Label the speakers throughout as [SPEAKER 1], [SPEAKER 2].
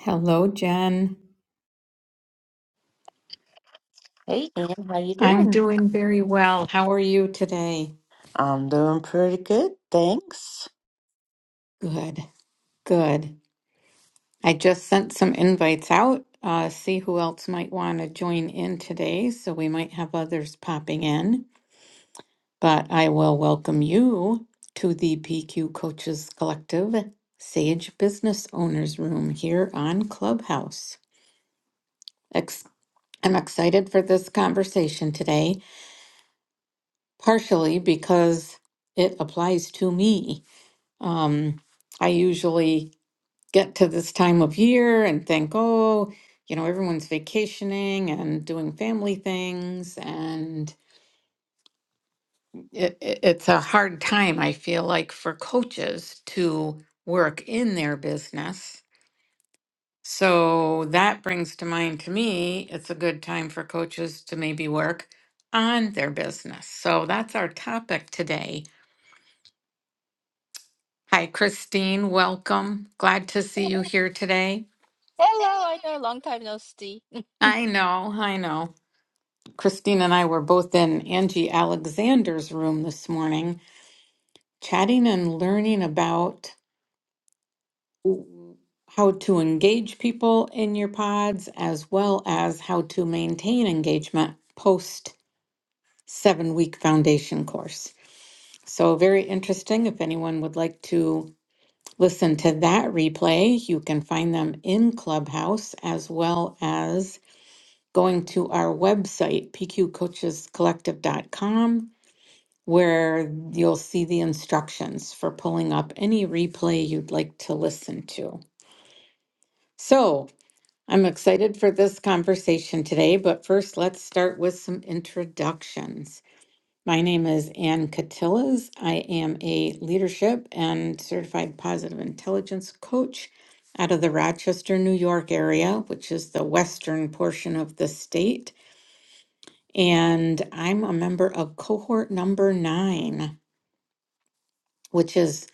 [SPEAKER 1] Hello, Jen.
[SPEAKER 2] Hey, Ann, how you
[SPEAKER 1] I'm
[SPEAKER 2] doing?
[SPEAKER 1] doing very well. How are you today?
[SPEAKER 2] I'm doing pretty good, thanks.
[SPEAKER 1] Good, good. I just sent some invites out. Uh, see who else might want to join in today. So we might have others popping in, but I will welcome you to the PQ Coaches Collective Sage Business Owners Room here on Clubhouse. Ex- I'm excited for this conversation today, partially because it applies to me. Um, I usually get to this time of year and think, oh, you know, everyone's vacationing and doing family things. And it, it- it's a hard time, I feel like, for coaches to work in their business. So that brings to mind to me, it's a good time for coaches to maybe work on their business. So that's our topic today. Hi, Christine. Welcome. Glad to see you here today.
[SPEAKER 3] Hello, I know, long time no see.
[SPEAKER 1] I know, I know. Christine and I were both in Angie Alexander's room this morning, chatting and learning about w- how to engage people in your pods as well as how to maintain engagement post seven week foundation course. So, very interesting. If anyone would like to listen to that replay, you can find them in Clubhouse as well as going to our website, pqcoachescollective.com, where you'll see the instructions for pulling up any replay you'd like to listen to. So I'm excited for this conversation today, but first let's start with some introductions. My name is Ann Catillas. I am a leadership and certified positive intelligence coach out of the Rochester, New York area, which is the western portion of the state. And I'm a member of cohort number nine, which is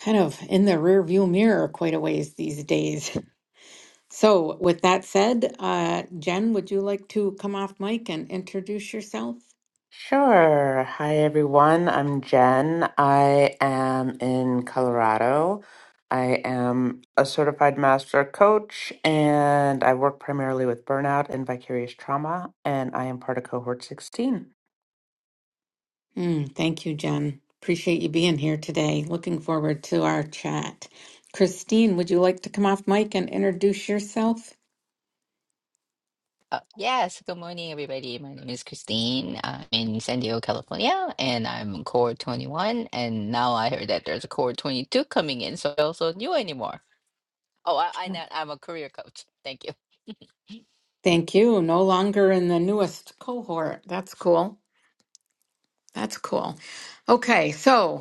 [SPEAKER 1] kind of in the rear view mirror quite a ways these days. So, with that said, uh, Jen, would you like to come off mic and introduce yourself?
[SPEAKER 2] Sure. Hi, everyone. I'm Jen. I am in Colorado. I am a certified master coach, and I work primarily with burnout and vicarious trauma, and I am part of cohort 16.
[SPEAKER 1] Mm, thank you, Jen. Appreciate you being here today. Looking forward to our chat. Christine, would you like to come off mic and introduce yourself?
[SPEAKER 3] Uh, yes, good morning, everybody. My name is Christine. I'm in San Diego, California, and I'm Core 21. And now I heard that there's a Core 22 coming in, so I also knew anymore. Oh, I, I know, I'm a career coach. Thank you.
[SPEAKER 1] Thank you. No longer in the newest cohort. That's cool. That's cool. Okay, so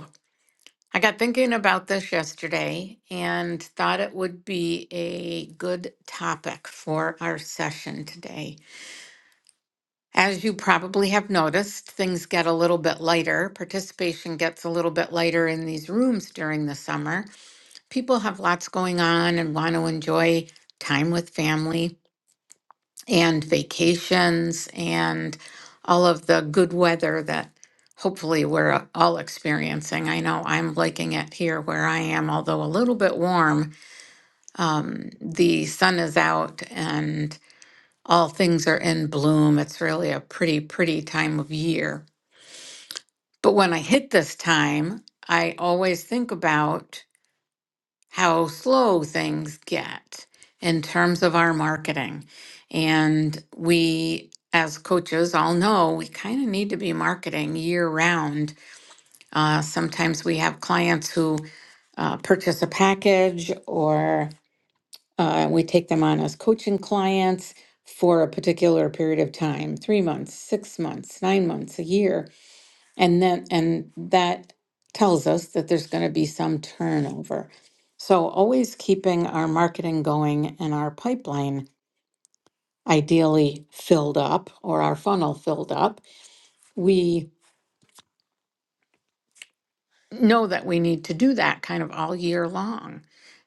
[SPEAKER 1] I got thinking about this yesterday and thought it would be a good topic for our session today. As you probably have noticed, things get a little bit lighter. Participation gets a little bit lighter in these rooms during the summer. People have lots going on and want to enjoy time with family and vacations and all of the good weather that hopefully we're all experiencing. I know I'm liking it here where I am, although a little bit warm. Um, the sun is out and all things are in bloom. It's really a pretty, pretty time of year. But when I hit this time, I always think about how slow things get in terms of our marketing. And we, as coaches, all know we kind of need to be marketing year round. Uh, sometimes we have clients who uh, purchase a package or uh, we take them on as coaching clients for a particular period of time three months, six months, nine months, a year and then, and that tells us that there's going to be some turnover. So always keeping our marketing going and our pipeline ideally filled up or our funnel filled up. We know that we need to do that kind of all year long.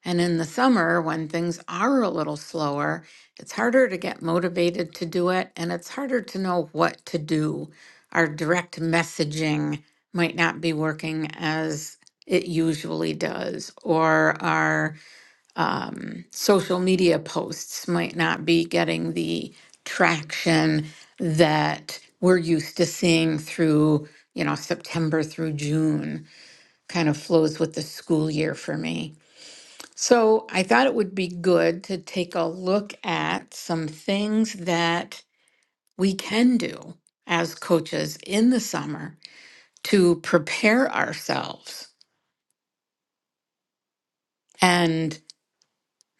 [SPEAKER 1] And in the summer, when things are a little slower, it's harder to get motivated to do it and it's harder to know what to do. Our direct messaging might not be working as it usually does, or our um, social media posts might not be getting the traction that we're used to seeing through, you know, September through June kind of flows with the school year for me. So I thought it would be good to take a look at some things that we can do as coaches in the summer to prepare ourselves and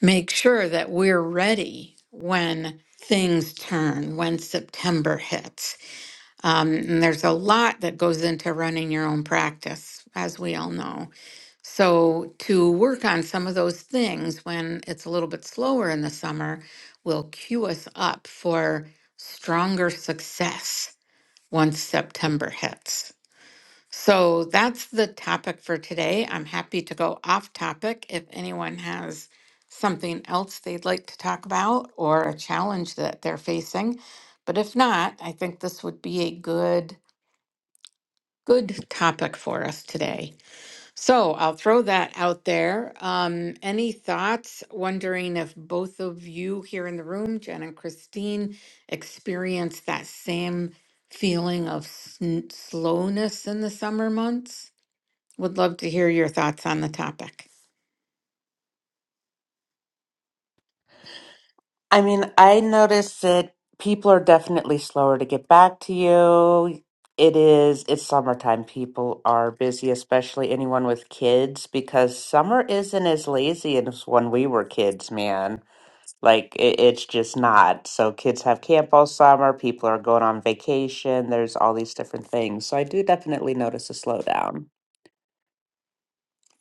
[SPEAKER 1] make sure that we're ready when things turn, when September hits. Um, and there's a lot that goes into running your own practice, as we all know. So to work on some of those things when it's a little bit slower in the summer will cue us up for stronger success once September hits. So that's the topic for today. I'm happy to go off topic if anyone has something else they'd like to talk about or a challenge that they're facing. But if not, I think this would be a good good topic for us today. So I'll throw that out there. Um, any thoughts? Wondering if both of you here in the room, Jen and Christine, experienced that same feeling of sn- slowness in the summer months? Would love to hear your thoughts on the topic.
[SPEAKER 2] I mean, I noticed that people are definitely slower to get back to you. It is, it's summertime. People are busy, especially anyone with kids, because summer isn't as lazy as when we were kids, man. Like it, it's just not. So kids have camp all summer, people are going on vacation, there's all these different things. So I do definitely notice a slowdown.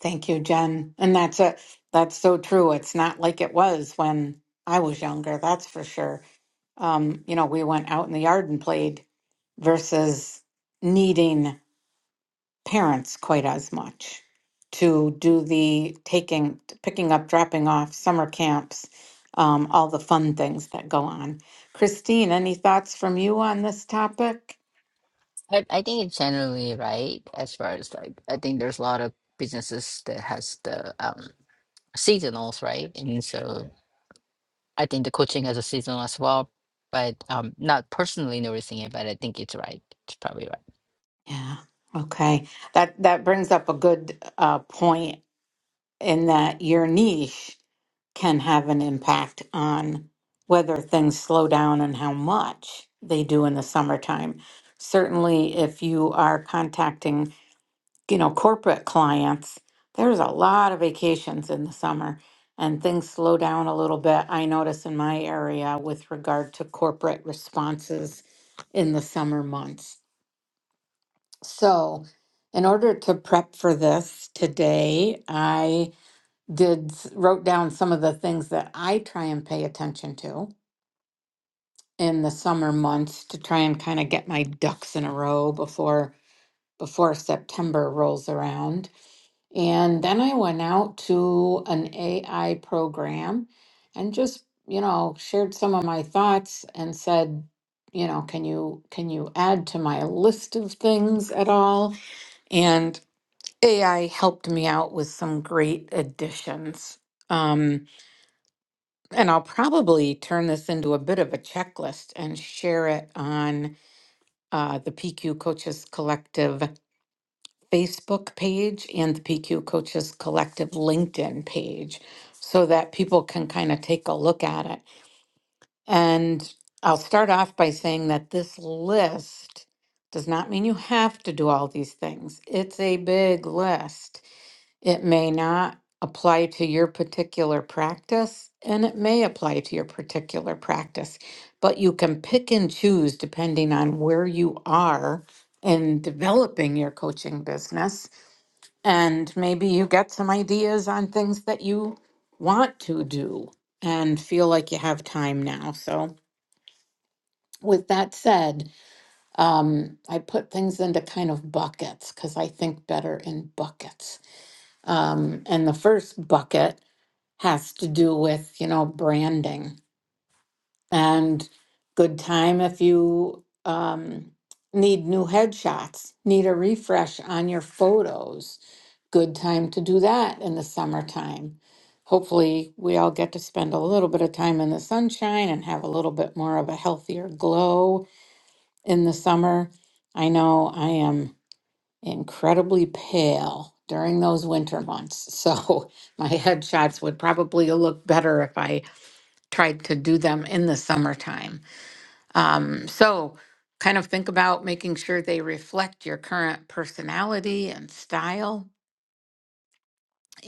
[SPEAKER 1] Thank you, Jen. And that's a that's so true. It's not like it was when I was younger, that's for sure. Um, you know, we went out in the yard and played versus needing parents quite as much to do the taking, picking up, dropping off, summer camps, um, all the fun things that go on. Christine, any thoughts from you on this topic?
[SPEAKER 3] I, I think it's generally right as far as like I think there's a lot of businesses that has the um seasonals, right? And so I think the coaching has a seasonal as well, but um not personally noticing it, but I think it's right. It's probably right.
[SPEAKER 1] Yeah. Okay. That that brings up a good uh, point in that your niche can have an impact on whether things slow down and how much they do in the summertime. Certainly, if you are contacting you know, corporate clients, there's a lot of vacations in the summer and things slow down a little bit. I notice in my area with regard to corporate responses in the summer months. So, in order to prep for this today, I did s- wrote down some of the things that I try and pay attention to in the summer months to try and kind of get my ducks in a row before before September rolls around And then I went out to an AI program and just, you know, shared some of my thoughts and said, you know, can you can you add to my list of things at all? And AI helped me out with some great additions. Um, and I'll probably turn this into a bit of a checklist and share it on uh, the PQ Coaches Collective Facebook page and the PQ Coaches Collective LinkedIn page so that people can kind of take a look at it. And I'll start off by saying that this list does not mean you have to do all these things. It's a big list. It may not apply to your particular practice, and it may apply to your particular practice, but you can pick and choose depending on where you are in developing your coaching business and maybe you get some ideas on things that you want to do and feel like you have time now. So, with that said, um, I put things into kind of buckets because I think better in buckets. Um, and the first bucket has to do with, you know, branding and good time if you um, need new headshots, need a refresh on your photos. Good time to do that in the summertime. Hopefully, we all get to spend a little bit of time in the sunshine and have a little bit more of a healthier glow in the summer. I know I am incredibly pale during those winter months, so my headshots would probably look better if I tried to do them in the summertime. Um, so kind of think about making sure they reflect your current personality and style,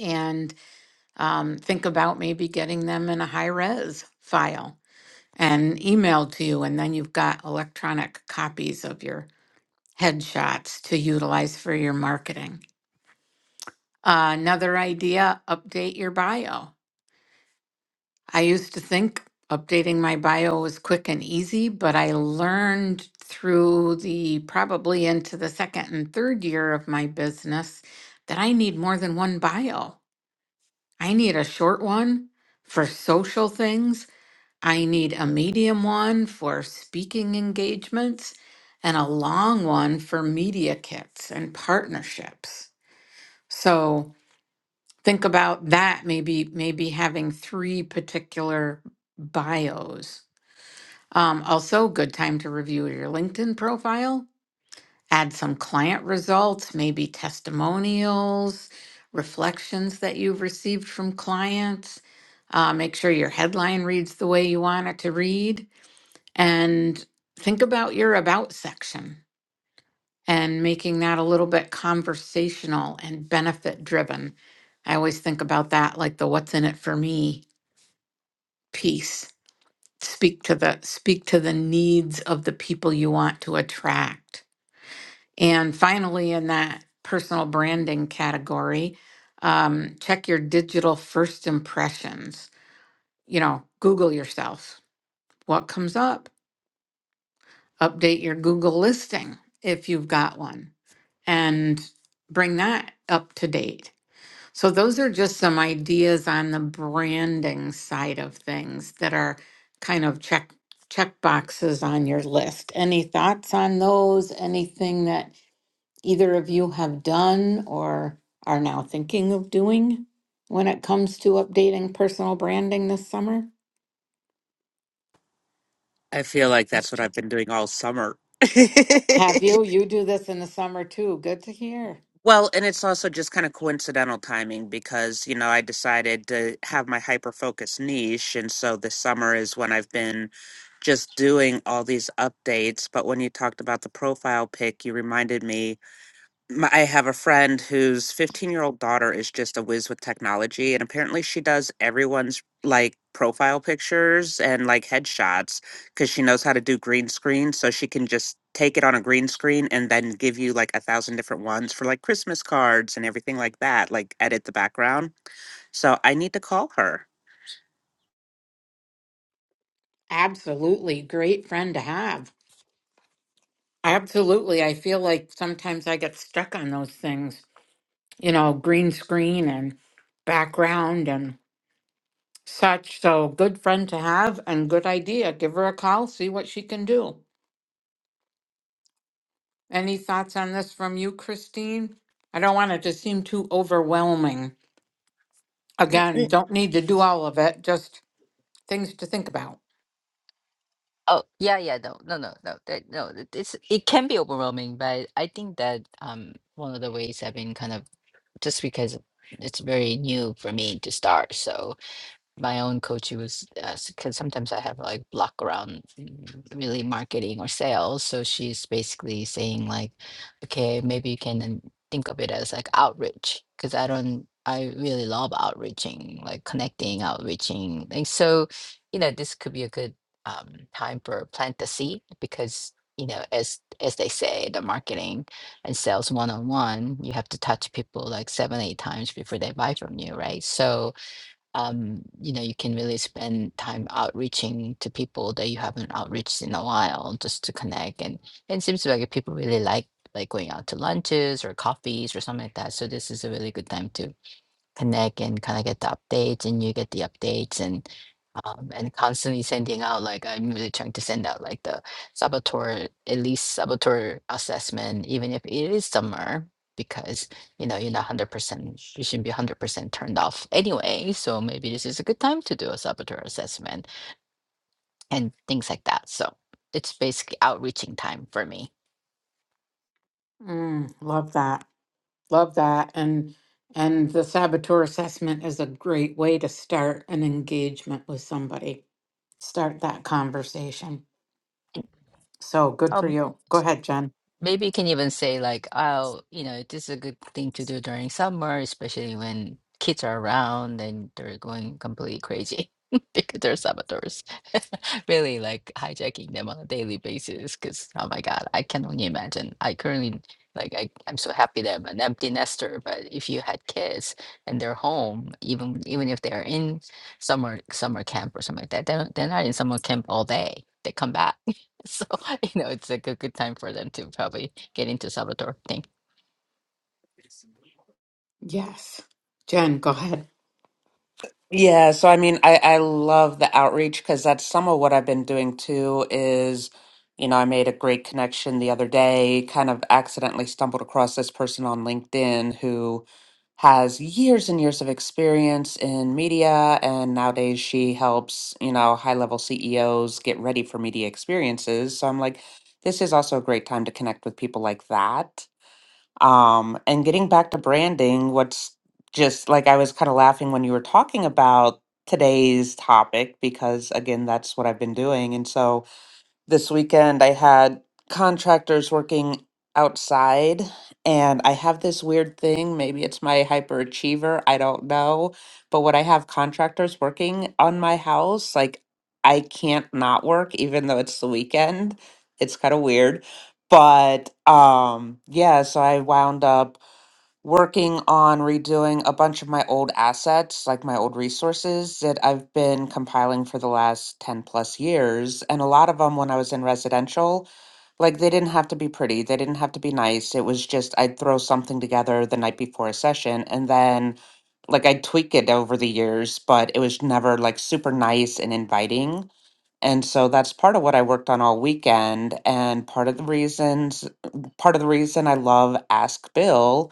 [SPEAKER 1] and um, think about maybe getting them in a high res file and emailed to you. And then you've got electronic copies of your headshots to utilize for your marketing. Uh, another idea update your bio. I used to think updating my bio was quick and easy, but I learned through the probably into the second and third year of my business that I need more than one bio. I need a short one for social things, I need a medium one for speaking engagements, and a long one for media kits and partnerships. So think about that maybe maybe having three particular bios um, also, good time to review your LinkedIn profile, add some client results, maybe testimonials, reflections that you've received from clients. Uh, make sure your headline reads the way you want it to read. And think about your about section and making that a little bit conversational and benefit driven. I always think about that, like the what's in it for me piece speak to the speak to the needs of the people you want to attract and finally in that personal branding category um, check your digital first impressions you know google yourself what comes up update your google listing if you've got one and bring that up to date So those are just some ideas on the branding side of things that are kind of check check boxes on your list. Any thoughts on those? Anything that either of you have done or are now thinking of doing when it comes to updating personal branding this summer?
[SPEAKER 2] I feel like
[SPEAKER 1] Yes,
[SPEAKER 2] that's what
[SPEAKER 1] Jen.
[SPEAKER 2] I've been doing all summer.
[SPEAKER 1] Have you? You do this in the summer too. Good to hear.
[SPEAKER 2] Well, and it's also just kind of coincidental timing because, you know, I decided to have my hyper focus niche. And so this summer is when I've been just doing all these updates. But when you talked about the profile pic, you reminded me my, I have a friend whose 15 year old daughter is just a whiz with technology, and apparently she does everyone's like profile pictures and like headshots because she knows how to do green screen. So she can just take it on a green screen and then give you like a thousand different ones for like Christmas cards and everything like that, like edit the background. So I need to call her.
[SPEAKER 1] Absolutely. Great friend to have. Absolutely. I feel like sometimes I get stuck on those things you know, green screen and background and such. So good friend to have and good idea. Give her a call, see what she can do. Any thoughts on this from you, Christine? I don't want it to seem too overwhelming. Again, don't need to do all of it, just things to think about.
[SPEAKER 3] Oh, yeah, yeah, no, no, no, no. That no, it- it's it can be overwhelming, but I think that um one of the ways I've been kind of just because it's very new for me to start, so my own coach who was because sometimes I have like block around mm, really marketing or sales. So she's basically saying like, okay, maybe you can then think of it as like outreach because I don't I really love outreaching, like connecting, outreaching. And so, you know, this could be a good um, time for plant the seed because you know as as they say the marketing and sales one-on-one you have to touch people like seven eight times before they buy from you right so um, you know, you can really spend time outreaching to people that you haven't outreached in a while just to connect. And, and it seems like people really like like going out to lunches or coffees or something like that. So this is a really good time to connect and kind of get the updates and you get the updates. and um, and constantly sending out like I'm really trying to send out like the saboteur at least saboteur assessment, even if it is summer, because you know you're not one hundred percent you shouldn't be one hundred percent turned off anyway. So maybe this is a good time to do a saboteur assessment and things like that. So it's basically outreaching time for me.
[SPEAKER 1] Mm, love that. Love that. And and the saboteur assessment is a great way to start an engagement with somebody. Start that conversation. So good
[SPEAKER 3] How
[SPEAKER 1] for you. Go ahead, Jen.
[SPEAKER 3] Maybe you can even say like, oh, you know, this is a good thing to do during summer, especially when kids are around and they're going completely crazy because they're saboteurs, really like hijacking them on a daily basis. Because oh my God, I can only imagine. I currently like I, I'm so happy that I'm an empty nester, but if you had kids and they're home, even even if they're in summer summer camp or something like that, they're, they're not in summer camp all day. They come back So, you know, it's like a good good time for them to probably get into Salvatore thing.
[SPEAKER 1] Yes. Jen, go ahead.
[SPEAKER 2] Yeah, so I mean, I I love the outreach because that's some of what I've been doing too is, you know, I made a great connection the other day, kind of accidentally stumbled across this person on LinkedIn who has years and years of experience in media, and nowadays she helps, you know, high-level CEOs get ready for media experiences. So I'm like, this is also a great time to connect with people like that. Um, and getting back to branding, what's just like I was kind of laughing when you were talking about today's topic because again, that's what I've been doing. And so this weekend, I had contractors working outside, and I have this weird thing. Maybe it's my hyperachiever, I don't know. But when I have contractors working on my house, like I can't not work, even though it's the weekend. It's kind of weird. But um, yeah, so I wound up working on redoing a bunch of my old assets, like my old resources that I've been compiling for the last 10 plus years. And a lot of them, when I was in residential, like they didn't have to be pretty, they didn't have to be nice. It was just I'd throw something together the night before a session and then like I'd tweak it over the years, but it was never like super nice and inviting. And so that's part of what I worked on all weekend. And part of the reasons, part of the reason I love Ask Bill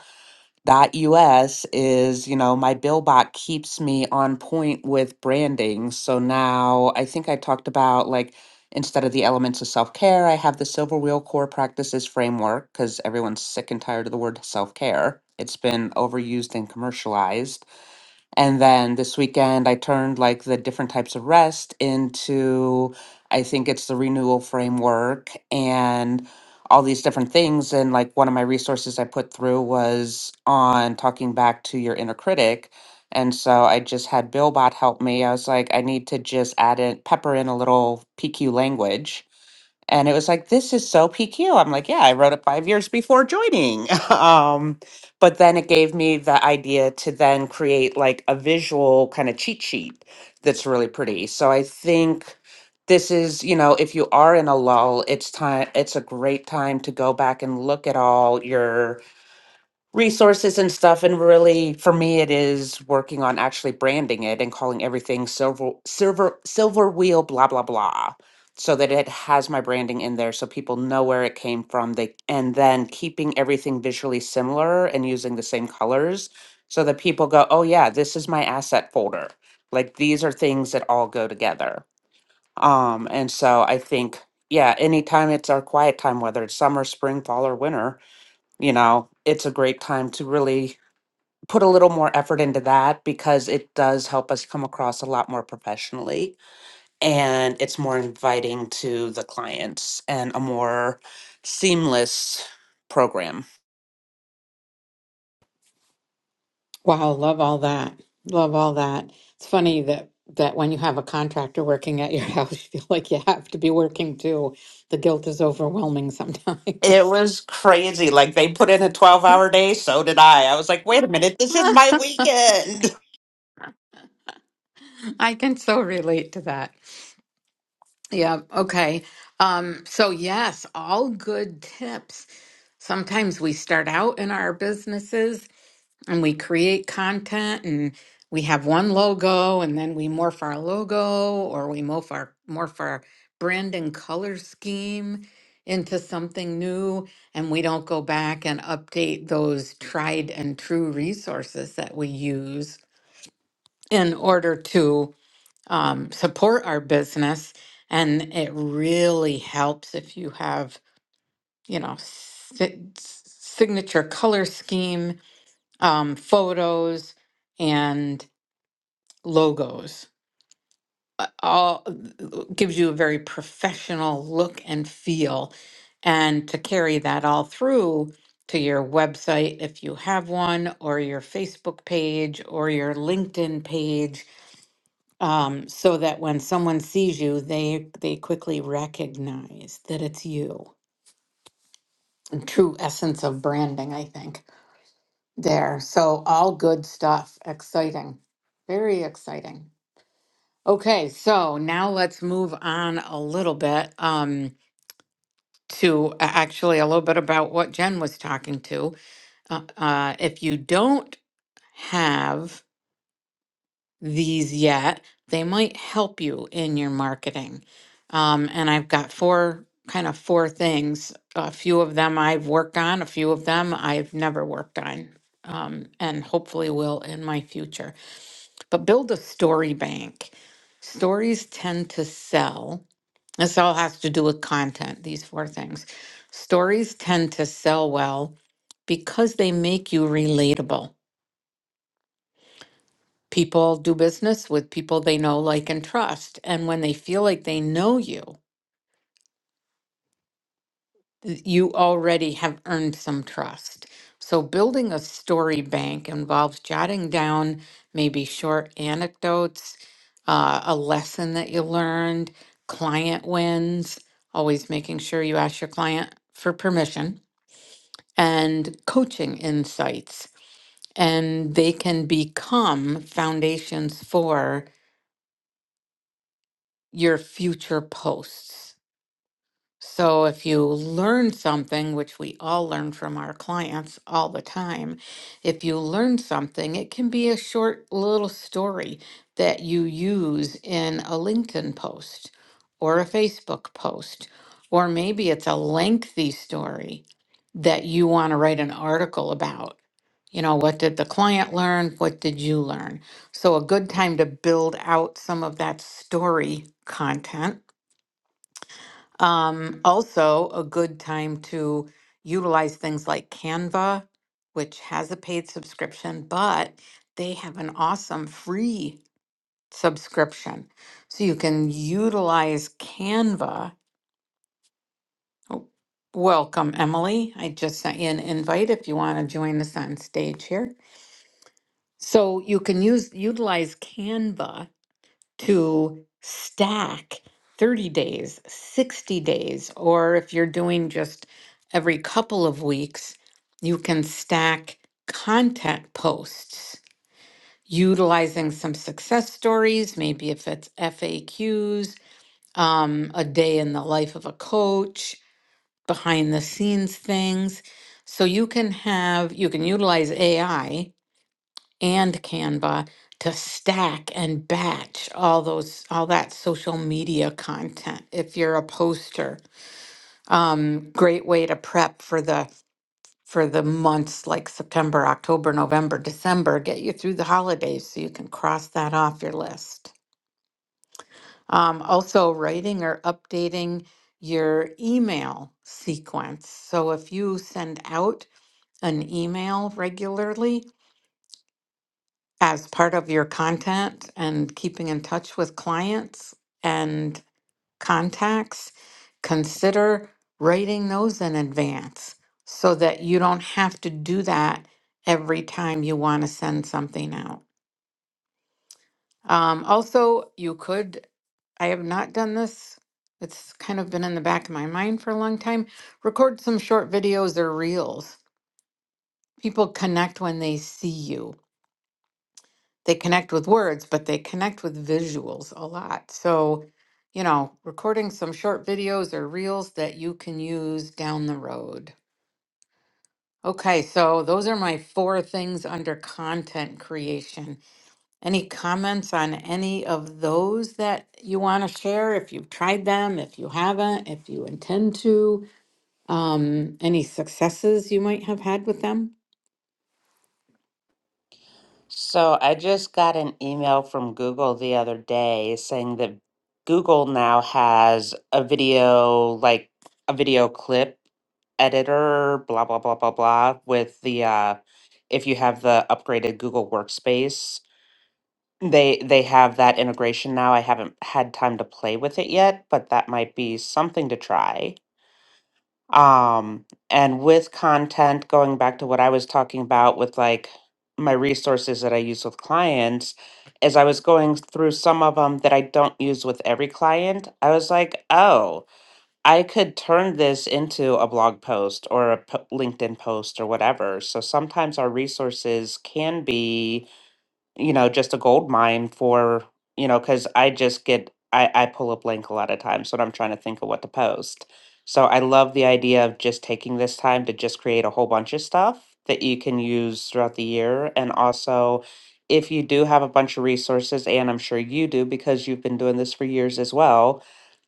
[SPEAKER 2] Dot US is, you know, my bill bot keeps me on point with branding. So now I think I talked about like instead of the elements of self care, I have the Silver Wheel Core Practices framework because everyone's sick and tired of the word self care. It's been overused and commercialized. And then this weekend, I turned like the different types of rest into, I think it's the renewal framework and all these different things. And like one of my resources I put through was on talking back to your inner critic. And so I just had Billbot help me. I was like, I need to just add in, pepper in a little PQ language and it was like this is so pq i'm like yeah i wrote it five years before joining um, but then it gave me the idea to then create like a visual kind of cheat sheet that's really pretty so i think this is you know if you are in a lull it's time it's a great time to go back and look at all your resources and stuff and really for me it is working on actually branding it and calling everything silver silver silver wheel blah blah blah so that it has my branding in there so people know where it came from they and then keeping everything visually similar and using the same colors so that people go oh yeah this is my asset folder like these are things that all go together um and so i think yeah anytime it's our quiet time whether it's summer spring fall or winter you know, it's a great time to really put a little more effort into that because it does help us come across a lot more professionally and it's more inviting to the clients and a more seamless program.
[SPEAKER 1] Wow, love all that. Love all that. It's funny that that when you have a contractor working at your house, you feel like you have to be working too. The guilt is overwhelming
[SPEAKER 2] It
[SPEAKER 1] sometimes.
[SPEAKER 2] was crazy. Like they put in a 12 hour day, so did I. I was like, wait a minute, this is my weekend.
[SPEAKER 1] I can so relate to that. Yeah, okay. Um, so yes, all good tips. Sometimes we start out in our businesses and we create content and we have one logo and then we morph our logo or we morph our morph our brand and color scheme into something new and we don't go back and update those tried and true resources that we use in order to um, support our business and it really helps if you have you know si- signature color scheme um, photos and logos. Uh, All gives you a very professional look and feel. And to carry that all through to your website, if you have one, or your Facebook page, or your LinkedIn page, um, so that when someone sees you, they they quickly recognize that it's you. And True essence of branding, I think. There. So all good stuff. Exciting. Very exciting. Okay, so now let's move on a little bit um, to a- actually a little bit about what Jen was talking to. Uh, uh, if you don't have these yet, they might help you in your marketing. Um, and I've got four kind of four things. A few of them I've worked on, a few of them I've never worked on, um, and hopefully will in my future. But build a story bank. Stories tend to sell This all has to do with content, these four things. Stories tend to sell well because they make you relatable. People do business with people they know, like, and trust. And when they feel like they know you, th- you already have earned some trust. So, building a story bank involves jotting down maybe short anecdotes, uh, a lesson that you learned, client wins, always making sure you ask your client for permission and coaching insights. And they can become foundations for your future posts. So if you learn something, which we all learn from our clients all the time, if you learn something, it can be a short little story that you use in a LinkedIn post or a Facebook post, or maybe it's a lengthy story that you want to write an article about. You know, what did the client learn? What did you learn? So, a good time to build out some of that story content um, also, a good time to utilize things like Canva, which has a paid subscription, but they have an awesome free subscription. So you can utilize Canva. Oh, Welcome, Emily. I just sent you an invite if you want to join us on stage here. So you can use utilize Canva to stack 30 days, 60 days, or if you're doing just every couple of weeks, you can stack content posts utilizing some success stories, maybe if it's FAQs, um, a day in the life of a coach, behind the scenes things. So you can have, you can utilize AI and Canva to stack and batch all those all that social media content if you're a poster. Um, great way to prep for the for the months like September, October, November, December, get you through the holidays so you can cross that off your list. Um, also writing or updating your email sequence. So if you send out an email regularly, as part of your content and keeping in touch with clients and contacts, consider writing those in advance so that you don't have to do that every time you want to send something out. Um, also, you could, I have not done this. It's kind of been in the back of my mind for a long time. Record some short videos or reels. People connect when they see you they connect with words, but they connect with visuals a lot. So, you know, recording some short videos or reels that you can use down the road. Okay, so those are my four things under content creation. Any comments on any of those that you want to share? If you've tried them, if you haven't, if you intend to, um, any successes you might have had with them?
[SPEAKER 2] So I just got an email from Google the other day saying that Google now has a video, like a video clip editor, blah, blah, blah, blah, blah, with the, uh, if you have the upgraded Google Workspace, they they have that integration now. I haven't had time to play with it yet, but that might be something to try. Um, and with content, going back to what I was talking about with like my resources that I use with clients, as I was going through some of them that I don't use with every client, I was like, oh, I could turn this into a blog post or a p- LinkedIn post or whatever. So sometimes our resources can be you know, just a gold mine for, you know, because I just get, I, I pull a blank a lot of times when I'm trying to think of what to post. So I love the idea of just taking this time to just create a whole bunch of stuff that you can use throughout the year. And also, if you do have a bunch of resources, and I'm sure you do because you've been doing this for years as well,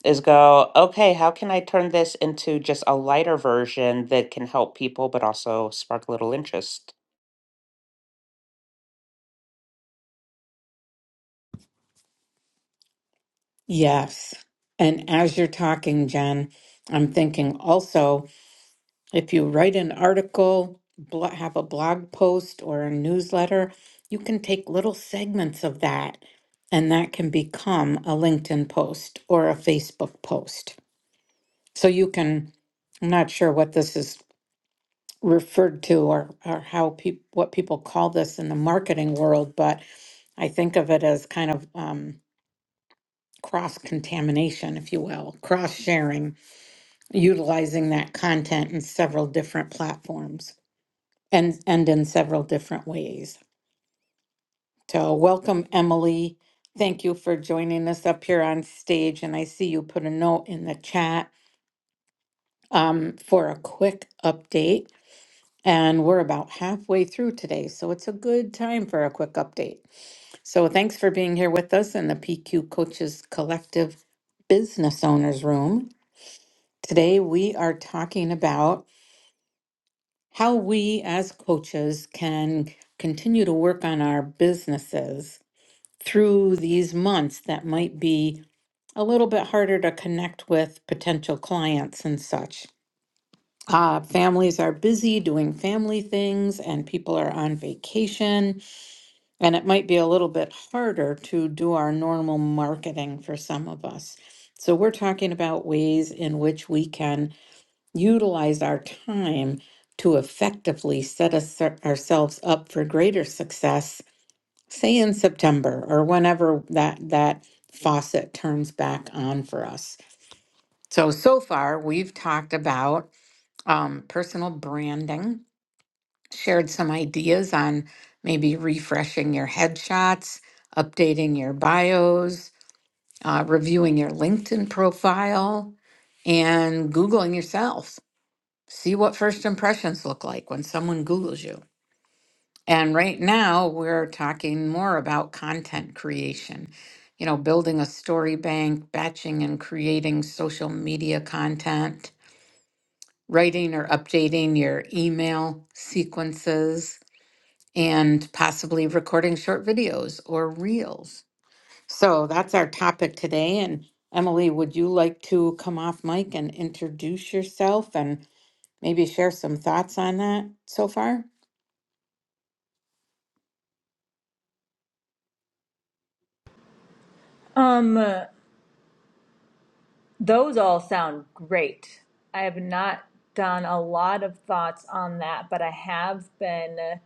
[SPEAKER 2] is go, okay, how can I turn this into just a lighter version that can help people, but also spark a little interest?
[SPEAKER 1] Yes. And as you're talking, Jen, I'm thinking also. If you write an article, blo- have a blog post or a newsletter, you can take little segments of that and that can become a LinkedIn post or a Facebook post. So you can, I'm not sure what this is referred to or, or how people, what people call this in the marketing world, but I think of it as kind of um, cross contamination, if you will, cross sharing, utilizing that content in several different platforms. and and in several different ways. So welcome, Emily. Thank you for joining us up here on stage. And I see you put a note in the chat um, for a quick update. And we're about halfway through today, so it's a good time for a quick update. So thanks for being here with us in the PQ Coaches Collective Business Owners Room. Today we are talking about how we as coaches can continue to work on our businesses through these months that might be a little bit harder to connect with potential clients and such. Uh, families are busy doing family things and people are on vacation, and it might be a little bit harder to do our normal marketing for some of us. So, we're talking about ways in which we can utilize our time to effectively set us, ourselves up for greater success say in September or whenever that that faucet turns back on for us. So so far we've talked about um, personal branding, shared some ideas on maybe refreshing your headshots, updating your bios, uh, reviewing your LinkedIn profile, and googling yourself. See what first impressions look like when someone Googles you. And right now, we're talking more about content creation, you know, building a story bank, batching and creating social media content, writing or updating your email sequences, and possibly recording short videos or reels. So that's our topic today. And Emily, would you like to come off mic and introduce yourself and maybe share some thoughts on that so far?
[SPEAKER 4] Um, those all sound great. I have not done a lot of thoughts on that, but I have been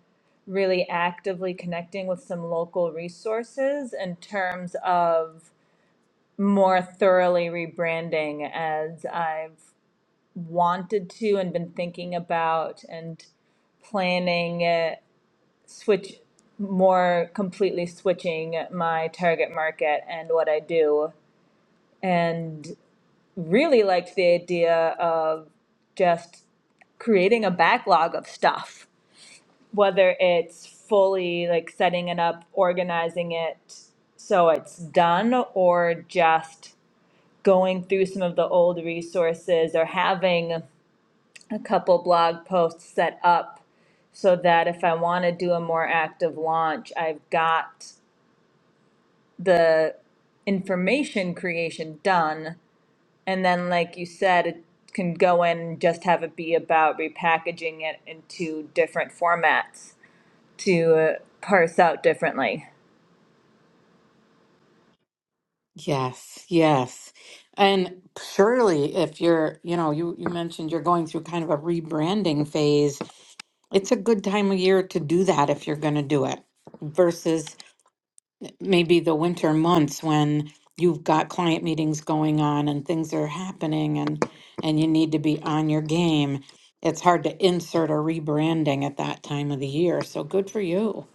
[SPEAKER 4] really actively connecting with some local resources in terms of more thoroughly rebranding as I've wanted to and been thinking about and planning uh, switch more completely switching my target market and what I do. and. really liked the idea of just creating a backlog of stuff, whether it's fully like setting it up, organizing it so it's done, or just going through some of the old resources or having a couple blog posts set up so that if I want to do a more active launch, I've got the information creation done And then, like you said, it can go in and just have it be about repackaging it into different formats to uh, parse out differently.
[SPEAKER 1] Yes, yes. And surely if you're, you know, you you mentioned you're going through kind of a rebranding phase, it's a good time of year to do that if you're going to do it versus maybe the winter months when you've got client meetings going on and things are happening and and you need to be on your game. It's hard to insert a rebranding at that time of the year. So good for you.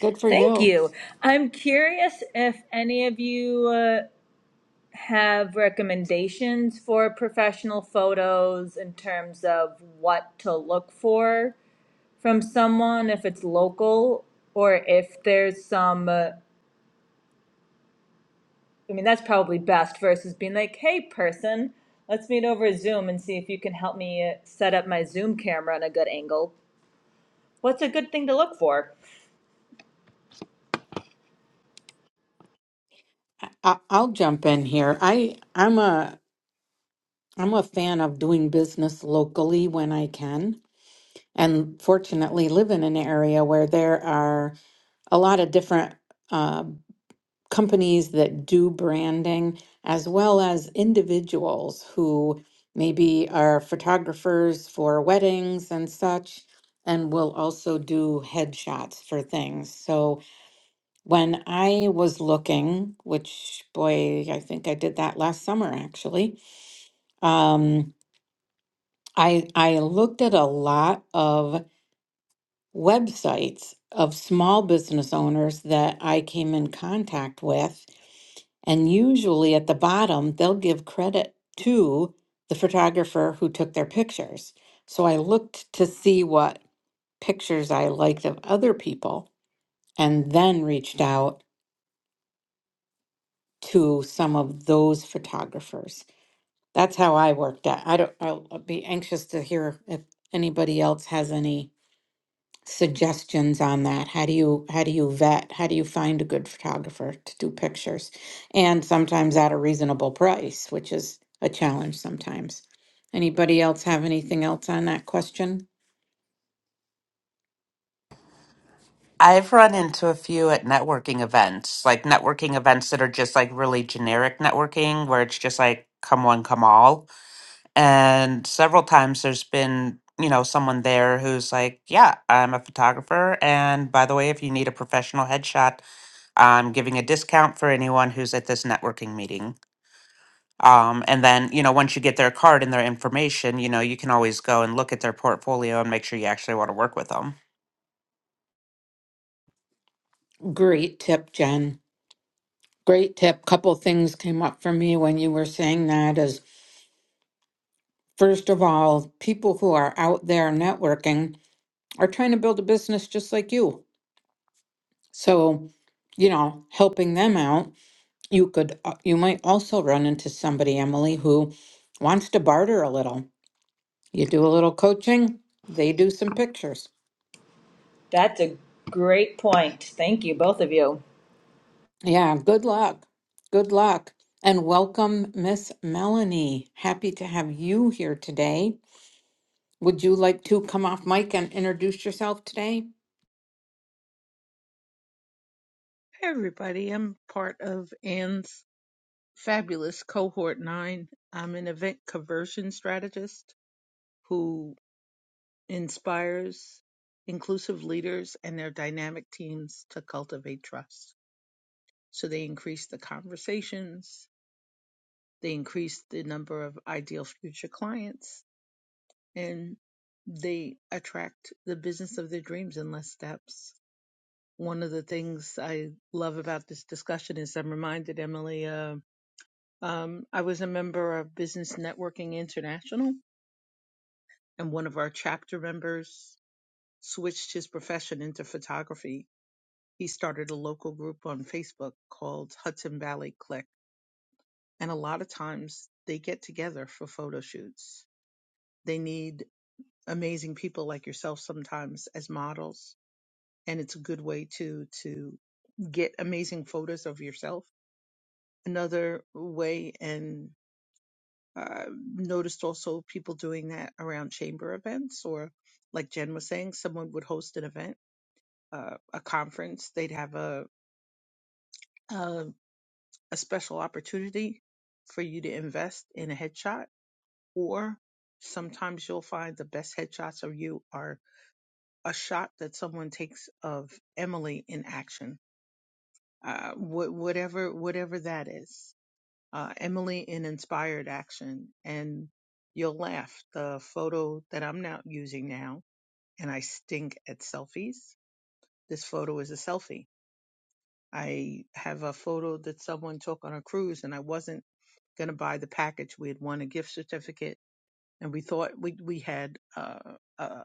[SPEAKER 1] Good for
[SPEAKER 4] Thank
[SPEAKER 1] you.
[SPEAKER 4] you. I'm curious if any of you uh, have recommendations for professional photos in terms of what to look for from someone, if it's local or if there's some. Uh, I mean, that's probably best versus being like, hey, person, let's meet over Zoom and see if you can help me uh, set up my Zoom camera on a good angle. What's a good thing to look for?
[SPEAKER 1] I, I- I'll jump in here. I I'm a I'm a fan of doing business locally when I can. And fortunately, live in an area where there are a lot of different uh, companies that do branding, as well as individuals who maybe are photographers for weddings and such, and will also do headshots for things. So when I was looking, which boy, I think I did that last summer actually. Um, I I looked at a lot of websites of small business owners that I came in contact with, and usually at the bottom they'll give credit to the photographer who took their pictures. So I looked to see what pictures I liked of other people and then reached out to some of those photographers. That's how I worked at. I don't I'll I'll be anxious to hear if anybody else has any suggestions on that? How do you how do you vet? How do you find a good photographer to do pictures? And sometimes at a reasonable price, which is a challenge sometimes. Anybody else have anything else on that question?
[SPEAKER 2] I've run into a few at networking events, like networking events that are just like really generic networking where it's just like come one, come all. And several times there's been, you know, someone there who's like, yeah, I'm a photographer. And by the way, if you need a professional headshot, I'm giving a discount for anyone who's at this networking meeting. Um, and then, you know, once you get their card and their information, you know, you can always go and look at their portfolio and make sure you actually want to work with them.
[SPEAKER 1] Great tip, Jen. Great tip. Couple things came up for me when you were saying that is first of all, people who are out there networking are trying to build a business just like you. So, you know, helping them out You could, uh, you might also run into somebody, Emily, who wants to barter a little. You do a little coaching, they do some pictures.
[SPEAKER 4] That's a great point. Thank you, both of you.
[SPEAKER 1] Yeah, good luck. Good luck. And welcome, Miss Melanie. Happy to have you here today. Would you like to come off mic and introduce yourself today?
[SPEAKER 5] Hey everybody, I'm part of Anne's fabulous cohort nine. I'm an event conversion strategist who inspires inclusive leaders and their dynamic teams to cultivate trust. So they increase the conversations, they increase the number of ideal future clients, and they attract the business of their dreams in less steps. One of the things I love about this discussion is I'm reminded, Emily. uh, Um, I was a member of Business Networking International, and one of our chapter members switched his profession into photography. He started a local group on Facebook called Hudson Valley Click, and a lot of times they get together for photo shoots. They need amazing people like yourself sometimes as models, and it's a good way to to get amazing photos of yourself. Another way, and uh, noticed also people doing that around chamber events or like jen was saying someone would host an event uh, a conference they'd have a, a a special opportunity for you to invest in a headshot or sometimes you'll find the best headshots of you are a shot that someone takes of emily in action uh, wh- whatever whatever that is uh, Emily in Inspired Action, and you'll laugh. The photo that I'm not using now, and I stink at selfies. This photo is a selfie. I have a photo that someone took on a cruise, and I wasn't going to buy the package. We had won a gift certificate, and we thought we we had uh, uh,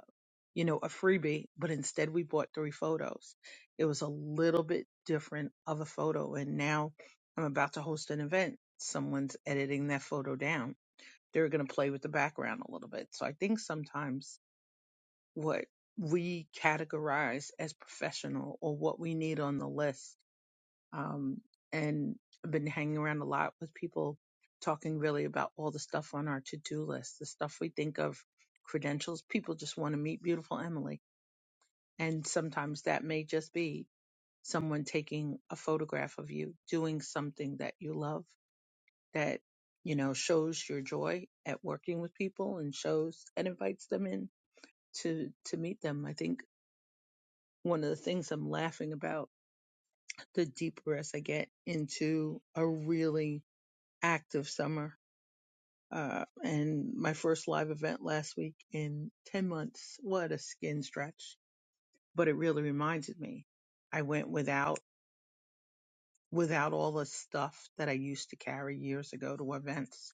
[SPEAKER 5] you know a freebie, but instead we bought three photos. It was a little bit different of a photo, and now I'm about to host an event. Someone's editing that photo down they are going to play with the background a little bit. So I think sometimes what we categorize as professional or what we need on the list, um, and I've been hanging around a lot with people talking really about all the stuff on our to-do list, the stuff we think of credentials. People just want to meet beautiful Emily. And sometimes that may just be someone taking a photograph of you doing something that you love that you know shows your joy at working with people and shows and invites them in to to meet them i think one of the things i'm laughing about the deeper as i get into a really active summer uh, and my first live event last week in 10 months what a skin stretch but it really reminded me i went without without all the stuff that i used to carry years ago to events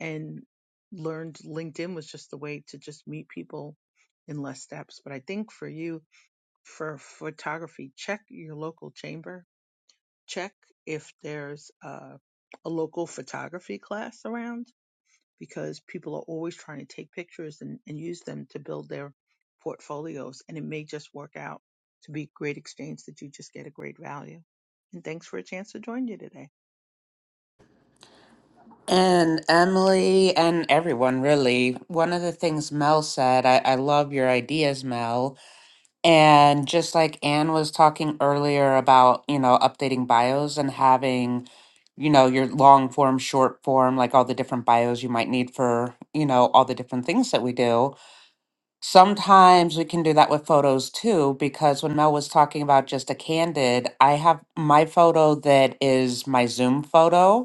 [SPEAKER 5] and learned LinkedIn was just the way to just meet people in less steps. But I think for you, for photography, check your local chamber. Check if there's a, a local photography class around because people are always trying to take pictures and, and use them to build their portfolios. And it may just work out to be great exchange that you just get a great value. And thanks for a chance to join you today.
[SPEAKER 2] And Emily and everyone, really, one of the things Mel said, I, I love your ideas, Mel. And just like Anne was talking earlier about, you know, updating bios and having, you know, your long form, short form, like all the different bios you might need for, you know, all the different things that we do. Sometimes we can do that with photos too, because when Mel was talking about just a candid, I have my photo that is my Zoom photo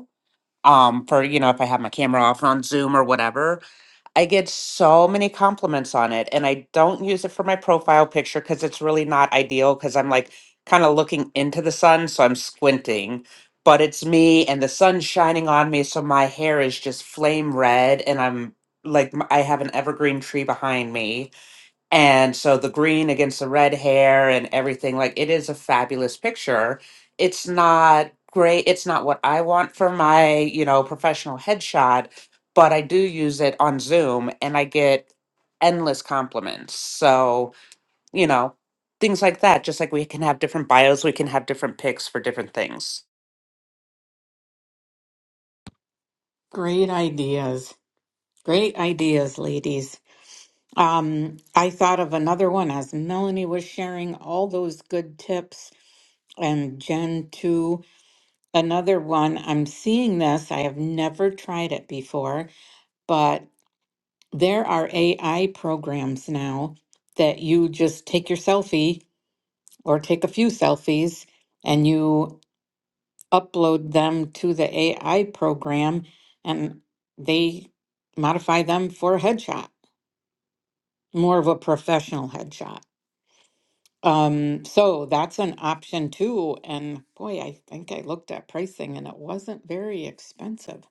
[SPEAKER 2] um for you know if i have my camera off on zoom or whatever i get so many compliments on it and i don't use it for my profile picture because it's really not ideal because i'm like kind of looking into the sun so i'm squinting but it's me and the sun's shining on me so my hair is just flame red and i'm like m- i have an evergreen tree behind me and so the green against the red hair and everything, like it is a fabulous picture. It's not great. It's not what I want for my, you know, professional headshot, but I do use it on Zoom and I get endless compliments. So, you know, things like that. Just like we can have different bios, we can have different picks for different things.
[SPEAKER 1] Great ideas. Great ideas, ladies. Um, I thought of another one as Melanie was sharing all those good tips and Jen too. Another one, I'm seeing this, I have never tried it before, but there are AI programs now that you just take your selfie or take a few selfies and you upload them to the AI program and they modify them for a headshot, more of a professional headshot. Um, so that's an option too. And boy, I think I looked at pricing and it wasn't very expensive.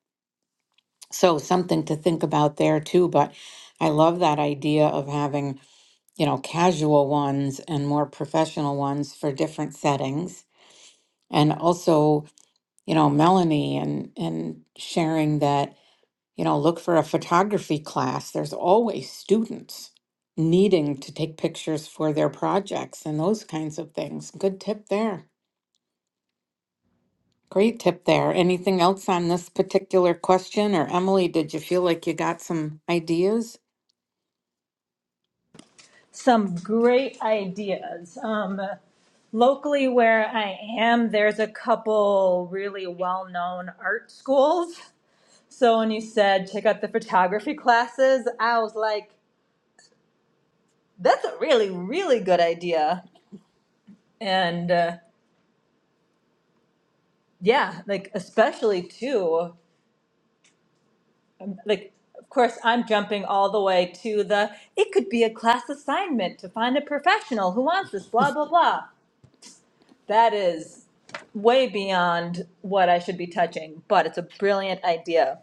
[SPEAKER 1] So something to think about there too, but I love that idea of having, you know, casual ones and more professional ones for different settings. And also, you know, Melanie and and sharing that, you know, look for a photography class. There's always students needing to take pictures for their projects and those kinds of things. Good tip there. Great tip there. Anything else on this particular question? Or Emily, did you feel like you got some ideas?
[SPEAKER 4] Some great ideas. Um, locally, where I am, there's a couple really well known art schools. So when you said check out the photography classes, I was like, that's a really, really good idea. And uh, yeah like especially too like of course i'm jumping all the way to the it could be a class assignment to find a professional who wants this blah blah blah that is way beyond what i should be touching but it's a brilliant idea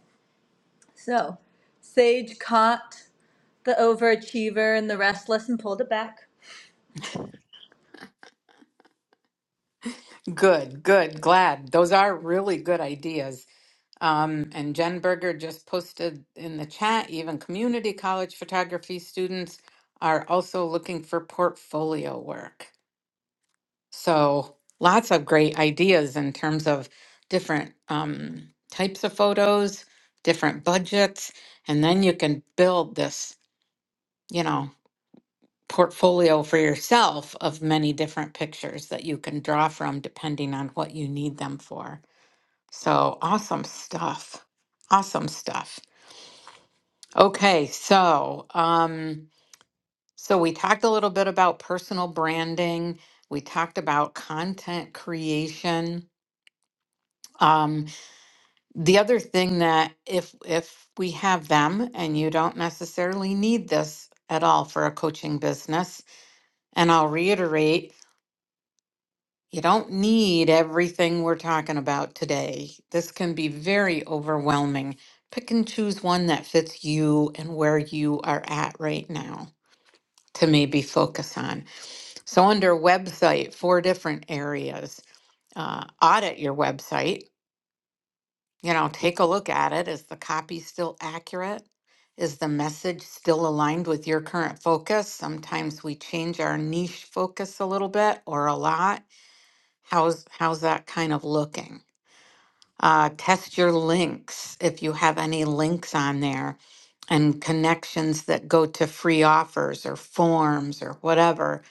[SPEAKER 4] so sage caught the overachiever and the restless and pulled it back
[SPEAKER 1] Good, good, glad. Those are really good ideas. Um, and Jen Berger just posted in the chat, even community college photography students are also looking for portfolio work. So lots of great ideas in terms of different um, types of photos, different budgets, and then you can build this, you know, portfolio for yourself of many different pictures that you can draw from depending on what you need them for. So awesome stuff. Awesome stuff. Okay, so um so we talked a little bit about personal branding. We talked about content creation. Um the other thing that if if we have them and you don't necessarily need this at all for a coaching business, and I'll reiterate You don't need everything we're talking about today. This can be very overwhelming. Pick and choose one that fits you and where you are at right now to maybe focus on. So, under website, four different areas. Uh, audit your website. You know, take a look at it. Is the copy still accurate? Is the message still aligned with your current focus? Sometimes we change our niche focus a little bit or a lot. How's how's that kind of looking? Uh, test your links if you have any links on there and connections that go to free offers or forms or whatever.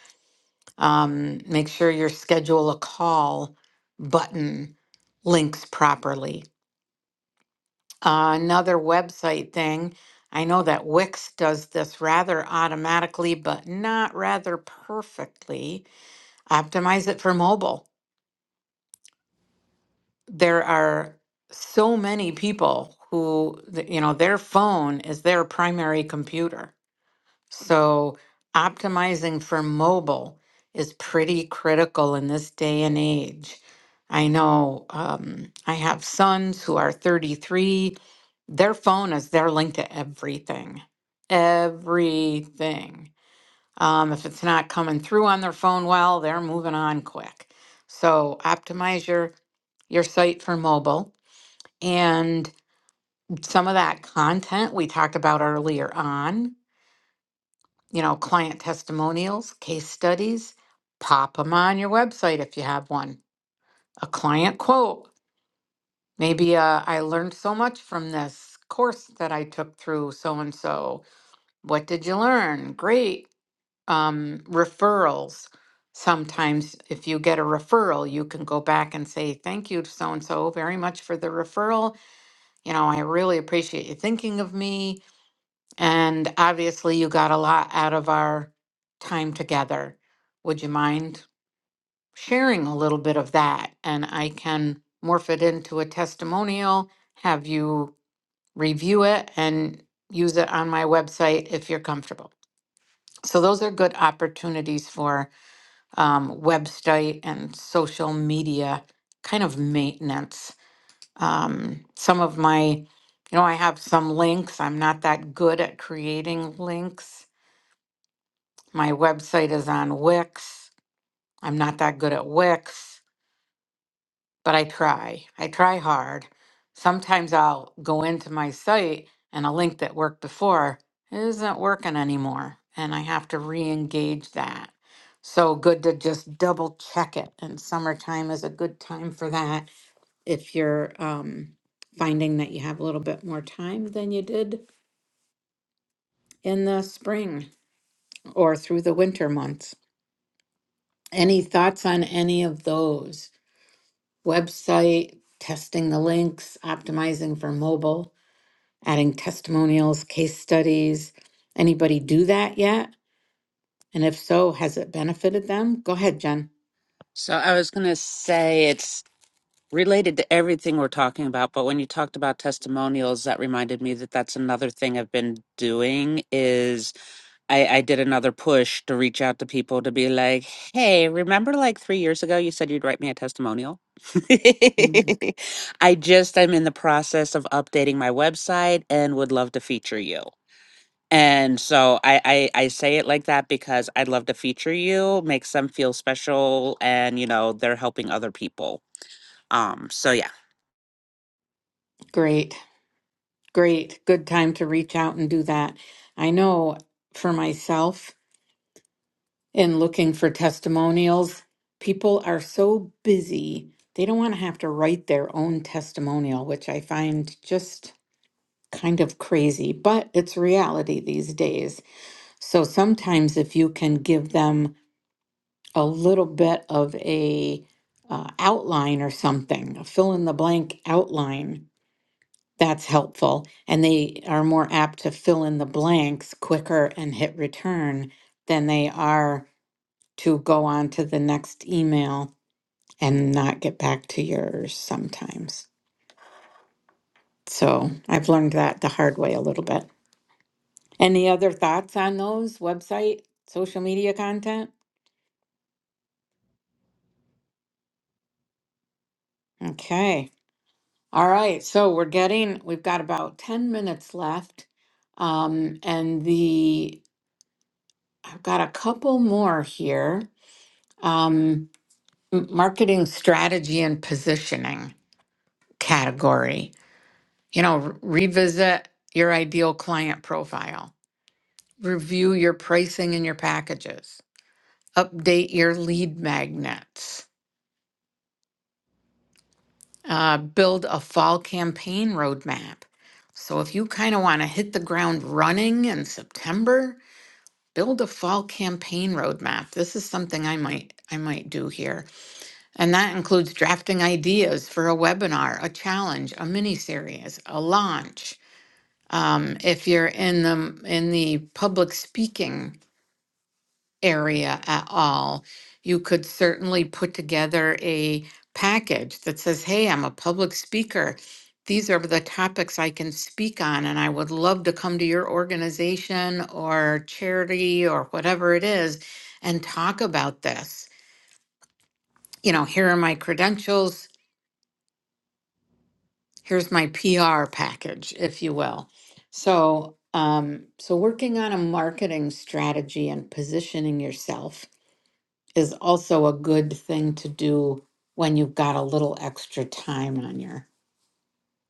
[SPEAKER 1] Um, make sure your schedule a call button links properly. Uh, another website thing. I know that Wix does this rather automatically, but not rather perfectly. Optimize it for mobile there are so many people who th- you know their phone is their primary computer so optimizing for mobile is pretty critical in this day and age i know um, i have sons who are 33 their phone is their link to everything everything um, if it's not coming through on their phone well they're moving on quick so optimize your your site for mobile and some of that content we talked about earlier on, you know, client testimonials, case studies, pop them on your website if you have one. A client quote, maybe uh, I learned so much from this course that I took through so and so. What did you learn? Great. Um, referrals. Sometimes, if you get a referral, you can go back and say, Thank you, so and so, very much for the referral. You know, I really appreciate you thinking of me And obviously, you got a lot out of our time together. Would you mind sharing a little bit of that? And I can morph it into a testimonial, have you review it, and use it on my website if you're comfortable. So, those are good opportunities for um, website and social media kind of maintenance. Um, some of my, you know, I have some links. I'm not that good at creating links My website is on Wix. I'm not that good at Wix, but I try. I try hard. Sometimes I'll go into my site and a link that worked before isn't working anymore, and I have to re engage that. So good to just double check it. And summertime is a good time for that if you're um, finding that you have a little bit more time than you did in the spring or through the winter months. Any thoughts on any of those? website, testing the links, optimizing for mobile, adding testimonials, case studies. Anybody do that yet? And if so, has it benefited them? Go ahead, Jen.
[SPEAKER 2] So I was going to say it's related to everything we're talking about but when you talked about testimonials that reminded me that that's another thing i've been doing is i i did another push to reach out to people to be like hey remember like three years ago you said you'd write me a testimonial
[SPEAKER 1] Mhm.
[SPEAKER 2] i just i'm in the process of updating my website and would love to feature you and so I, I I say it like that because I'd love to feature you, makes them feel special, and you know they're helping other people. Um, so yeah.
[SPEAKER 1] Great, great. Good time to reach out and do that. I know for myself, in looking for testimonials, people are so busy, they don't want to have to write their own testimonial, which I find just kind of crazy, but it's reality these days. So sometimes if you can give them a little bit of a uh, outline or something, a fill in the blank outline, that's helpful. And they are more apt to fill in the blanks quicker and hit return than they are to go on to the next email and not get back to yours sometimes. So I've learned that the hard way a little bit. Any other thoughts on those website, social media content? Okay. All right, so we're getting, we've got about 10 minutes left. Um, and the, I've got a couple more here. Um, m- marketing strategy and positioning category. You know, r- revisit your ideal client profile, review your pricing and your packages, update your lead magnets, uh, build a fall campaign roadmap. So if you kind of want to hit the ground running in September, build a fall campaign roadmap. This is something I might I might do here. And that includes drafting ideas for a webinar, a challenge, a mini series, a launch. Um, if you're in the in the public speaking area at all, you could certainly put together a package that says, hey, I'm a public speaker. These are the topics I can speak on, and I would love to come to your organization or charity or whatever it is and talk about this. You know, here are my credentials. Here's my PR package, if you will. So, um, so working on a marketing strategy and positioning yourself is also a good thing to do when you've got a little extra time on your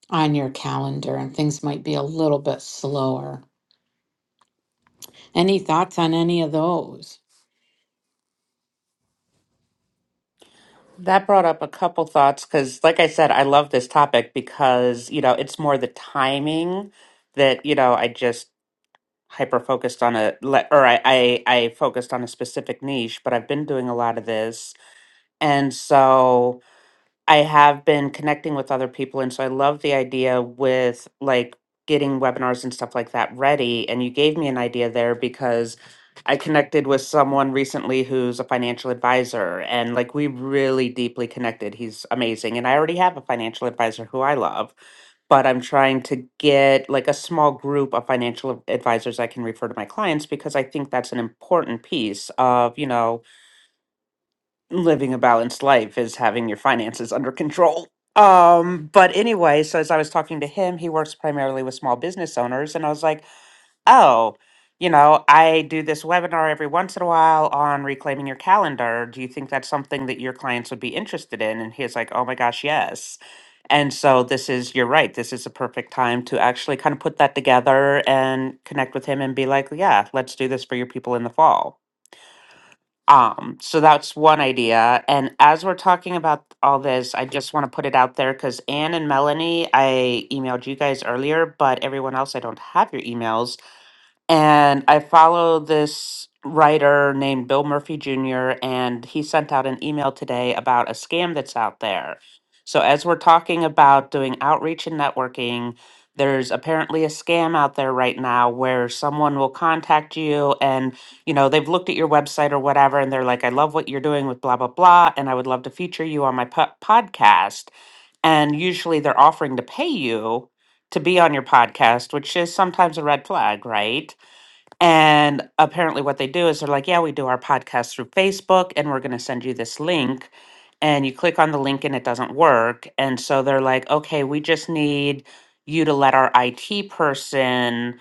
[SPEAKER 1] on your calendar and things might be a little bit slower. Any thoughts on any of those?
[SPEAKER 2] That brought up a couple thoughts because, like I said, I love this topic because, you know, it's more the timing that, you know, I just hyper focused on a, le- or I, I, I focused on a specific niche, but I've been doing a lot of this. And so. I have been connecting with other people. And so I love the idea with like getting webinars and stuff like that ready. And you gave me an idea there because I connected with someone recently who's a financial advisor and like we really deeply connected. He's amazing. And I already have a financial advisor who I love, but I'm trying to get like a small group of financial advisors I can refer to my clients because I think that's an important piece of, you know, living a balanced life is having your finances under control. Um, but anyway, so as I was talking to him, he works primarily with small business owners, and I was like, oh, you know, I do this webinar every once in a while on reclaiming your calendar. Do you think that's something that your clients would be interested in? And he's like, oh my gosh, yes. And so this is, you're right, this is a perfect time to actually kind of put that together and connect with him and be like, yeah, let's do this for your people in the fall. Um, so that's one idea. And as we're talking about all this, I just want to put it out there because Anne and Melanie, I emailed you guys earlier, but everyone else, I don't have your emails and I follow this writer named Bill Murphy Jr., and he sent out an email today about a scam that's out there. So, as we're talking about doing outreach and networking, there's apparently a scam out there right now where someone will contact you and, you know, they've looked at your website or whatever, and they're like, I love what you're doing with blah, blah, blah, and I would love to feature you on my po- podcast. And usually they're offering to pay you to be on your podcast, which is sometimes a red flag, right? And apparently, what they do is they're like, Yeah, we do our podcast through Facebook, and we're going to send you this link. And you click on the link, and it doesn't work. And so they're like, Okay, we just need you to let our IT person,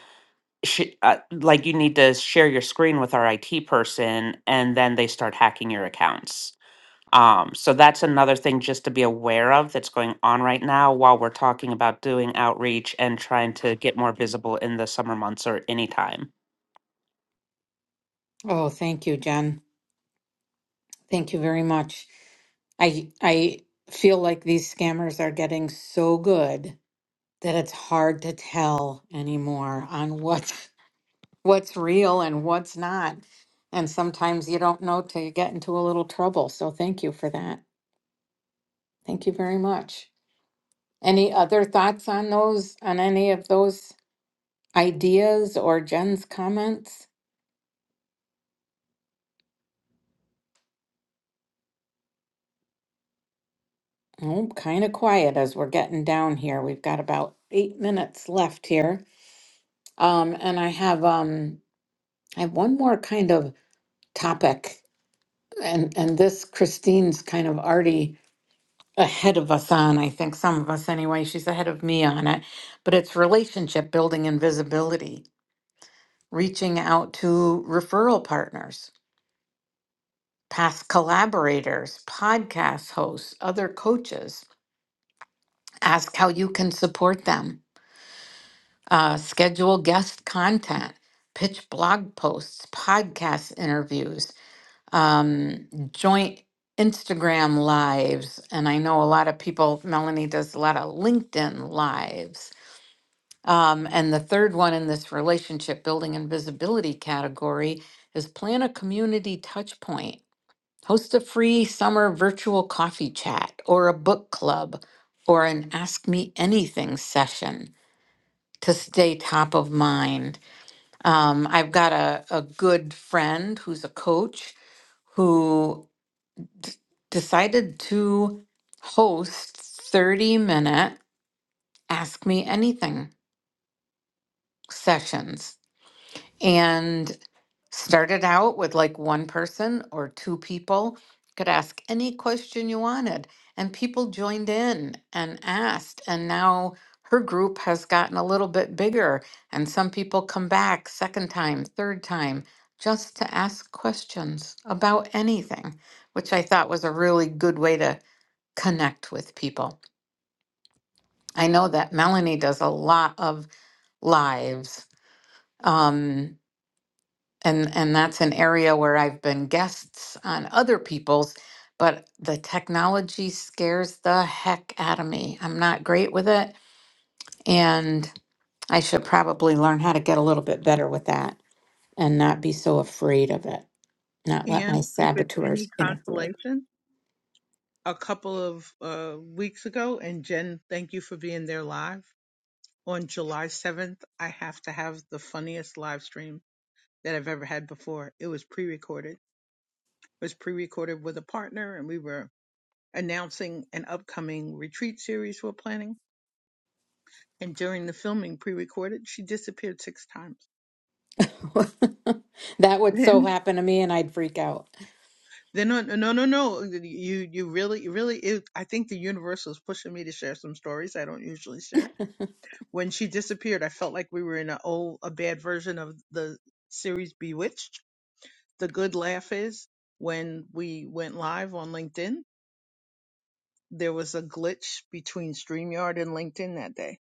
[SPEAKER 2] sh- uh, like, you need to share your screen with our IT person. And then they start hacking your accounts. Um, so that's another thing just to be aware of that's going on right now while we're talking about doing outreach and trying to get more visible in the summer months or anytime
[SPEAKER 1] Oh, thank you, Jen. Thank you very much. I I feel like these scammers are getting so good that it's hard to tell anymore on what's what's real and what's not. And sometimes you don't know till you get into a little trouble. So thank you for that. Thank you very much. Any other thoughts on those, on any of those ideas or Jen's comments? Oh, kind of quiet as we're getting down here. We've got about eight minutes left here. Um, and I have um I have one more kind of topic and and this Christine's kind of already ahead of us on, I think some of us anyway. She's ahead of me on it, but it's relationship building and visibility, reaching out to referral partners past collaborators, podcast hosts, other coaches. Ask how you can support them. Uh, schedule guest content, pitch blog posts, podcast interviews, um, joint Instagram lives. And I know a lot of people, Melanie does a lot of LinkedIn lives. Um, and the third one in this relationship building and visibility category is plan a community touch point Host a free summer virtual coffee chat or a book club or an Ask Me Anything session to stay top of mind. Um, I've got a, a good friend who's a coach who d- decided to host 30 minute Ask Me Anything sessions and started out with like one person or two people could ask any question you wanted and people joined in and asked and now her group has gotten a little bit bigger and some people come back second time third time just to ask questions about anything which i thought was a really good way to connect with people i know that melanie does a lot of lives um, and and that's an area where I've been guests on other people's, but the technology scares the heck out of me. I'm not great with it, and I should probably learn how to get a little bit better with that and not be so afraid of it. Not let my
[SPEAKER 5] And if it's any
[SPEAKER 1] saboteurs interfere.
[SPEAKER 5] consolation, a couple of uh, weeks ago, and Jen, thank you for being there live. On July 7th, I have to have the funniest live stream that I've ever had before. It was pre recorded. It was pre recorded with a partner, and we were announcing an upcoming retreat series we're planning. And during the filming, pre recorded, she disappeared six times.
[SPEAKER 1] that would so
[SPEAKER 5] Then,
[SPEAKER 1] happen to me and I'd freak out.
[SPEAKER 5] then on, no, no, no, you, you really, really, it, I think the universe was pushing me to share some stories I don't usually share When she disappeared, I felt like we were in a old, a bad version of the series Bewitched. The good laugh is when we went live on LinkedIn, there was a glitch between StreamYard and LinkedIn that day.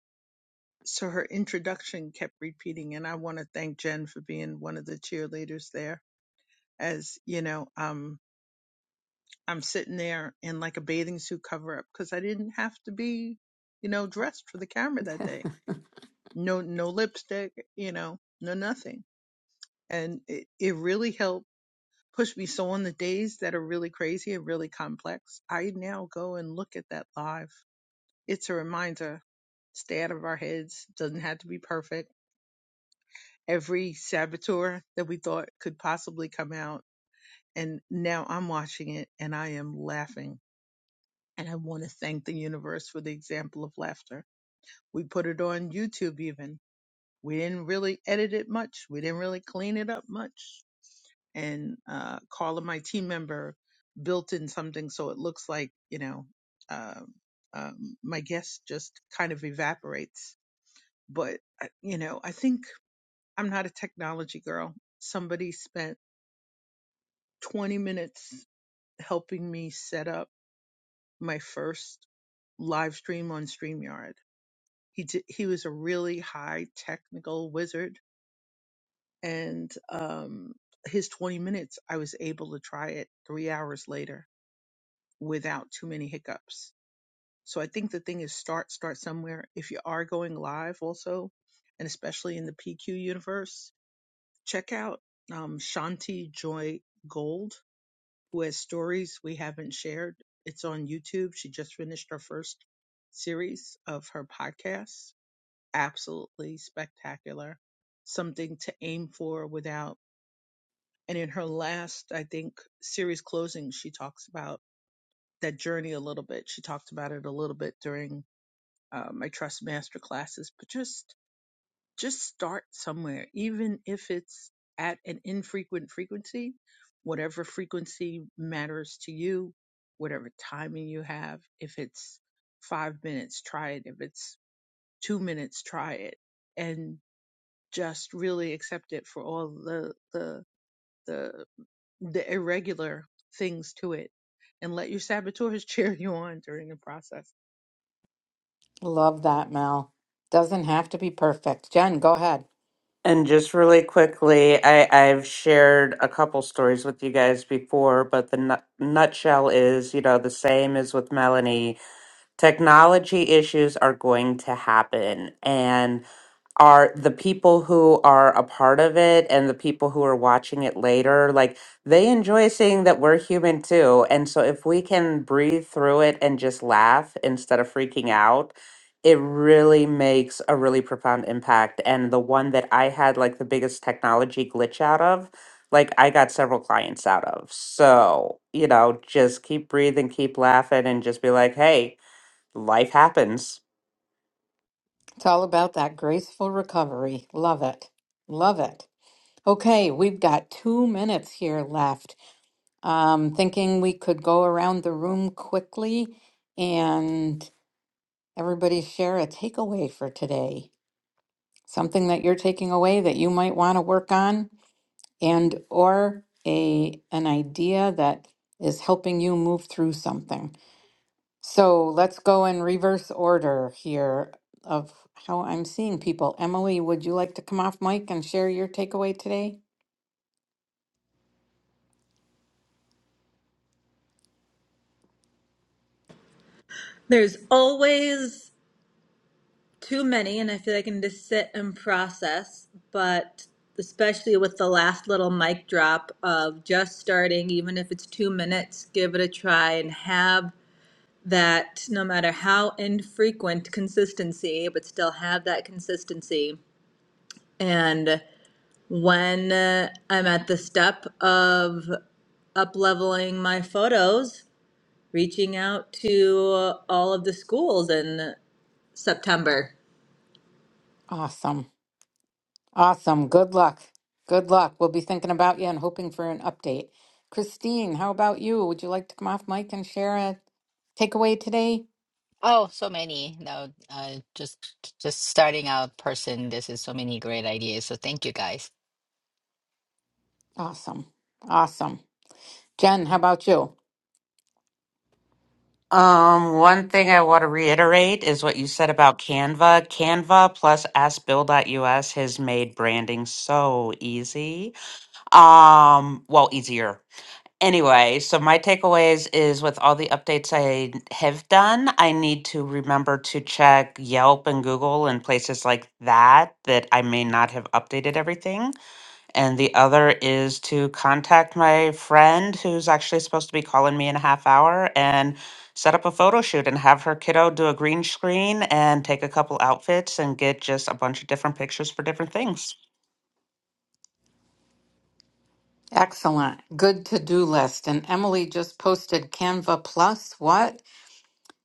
[SPEAKER 5] So her introduction kept repeating, and I want to thank Jen for being one of the cheerleaders there. As you know, um, I'm sitting there in like a bathing suit cover up because I didn't have to be, you know, dressed for the camera that day. No, no lipstick, you know, no nothing and it, it really helped push me. So on the days that are really crazy and really complex, I now go and look at that live. It's a reminder. Stay out of our heads. Doesn't have to be perfect. Every saboteur that we thought could possibly come out. And now I'm watching it and I am laughing. And I want to thank the universe for the example of laughter. We put it on YouTube even. We didn't really edit it much. We didn't really clean it up much and uh, Carla, my team member, built in something so it looks like you know uh, um, my guest just kind of evaporates. But I- you know, I think I'm not a technology girl. Somebody spent 20 minutes helping me set up my first live stream on StreamYard. He did, he was a really high technical wizard, and um, his 20 minutes, I was able to try it three hours later without too many hiccups. So I think the thing is start, start somewhere. If you are going live also, and especially in the PQ universe, check out um, Shanti Joy Gold, who has stories we haven't shared. It's on YouTube. She just finished her first series of her podcast. Absolutely spectacular. Something to aim for without. And in her last, I think, series closing, she talks about that journey a little bit. She talked about it a little bit during uh, my Trust Master classes, but just just start somewhere, even if it's at an infrequent frequency, whatever frequency matters to you, whatever timing you have. If it's five minutes, try it. If it's two minutes, try it, and just really accept it for all the the the the irregular things to it, and let your saboteurs cheer you on during the process
[SPEAKER 1] Love that, Mel. Doesn't have to be perfect. Jen, go ahead.
[SPEAKER 2] And just really quickly, I, I've shared a couple stories with you guys before, but the nut- nutshell is, you know, the same as with Melanie. Technology issues are going to happen. and are the people who are a part of it and the people who are watching it later like they enjoy seeing that we're human too and so if we can breathe through it and just laugh instead of freaking out it really makes a really profound impact and the one that i had like the biggest technology glitch out of like i got several clients out of so you know just keep breathing keep laughing and just be like hey life happens
[SPEAKER 1] It's all about that graceful recovery. Love it. Love it. Okay, we've got two minutes here left. Um, thinking we could go around the room quickly and everybody share a takeaway for today. Something that you're taking away that you might want to work on and or a an idea that is helping you move through something. So let's go in reverse order here of how I'm seeing people. Emily, would you like to come off mic and share your takeaway today?
[SPEAKER 4] there's always too many and I feel like I can just sit and process, but especially with the last little mic drop of just starting, even if it's two minutes, give it a try and have that no matter how infrequent consistency, but still have that consistency. And when uh, I'm at the step of up leveling my photos, reaching out to uh, all of the schools in September
[SPEAKER 1] Awesome. Awesome. Good luck. Good luck. We'll be thinking about you and hoping for an update. Christine, how about you? Would you like to come off mic and share a takeaway today?
[SPEAKER 3] Oh, so many. No, uh, just just starting out person, this is so many great ideas. So thank you guys.
[SPEAKER 1] Awesome. Awesome. Jen, how about you?
[SPEAKER 2] Um, one thing I want to reiterate is what you said about Canva. Canva plus AskBill.us has made branding so easy. Um, well, easier. Anyway, so my takeaways is with all the updates I have done, I need to remember to check Yelp and Google and places like that that I may not have updated everything. And the other is to contact my friend who's actually supposed to be calling me in a half hour and set up a photo shoot and have her kiddo do a green screen and take a couple outfits and get just a bunch of different pictures for different things.
[SPEAKER 1] Excellent. Good to do list. And Emily just posted Canva Plus. What?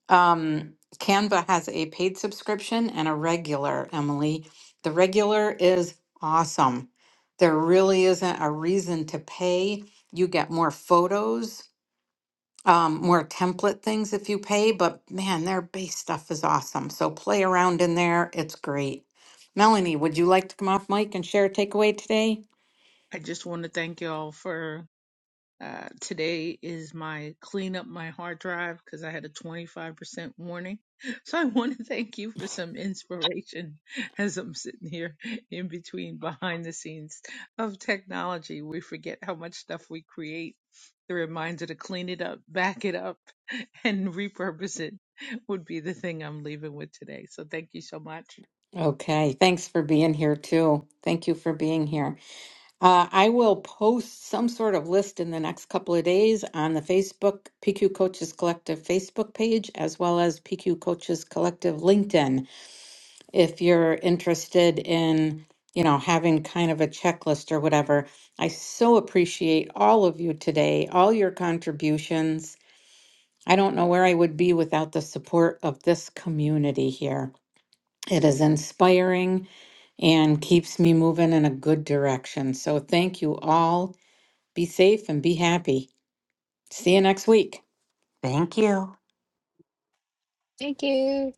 [SPEAKER 1] Um, Canva has a paid subscription and a regular, Emily. The regular is awesome. There really isn't a reason to pay. You get more photos, um, more template things if you pay, but man, their base stuff is awesome. So play around in there. It's great. Melanie, would you like to come off mic and share a takeaway today?
[SPEAKER 5] I just want to thank y'all for uh, today is my clean up my hard drive because I had a 25% warning. So I want to thank you for some inspiration as I'm sitting here in between behind the scenes of technology. We forget how much stuff we create. The reminder to clean it up, back it up, and repurpose it would be the thing I'm leaving with today. So thank you so much.
[SPEAKER 1] Okay, thanks for being here too. Thank you for being here. Uh, I will post some sort of list in the next couple of days on the Facebook PQ Coaches Collective Facebook page, as well as PQ Coaches Collective LinkedIn. If you're interested in, you know, having kind of a checklist or whatever, I so appreciate all of you today, all your contributions. I don't know where I would be without the support of this community here. It is inspiring and keeps me moving in a good direction. So thank you all. Be safe and be happy. See you next week.
[SPEAKER 2] Thank you.
[SPEAKER 3] Thank you.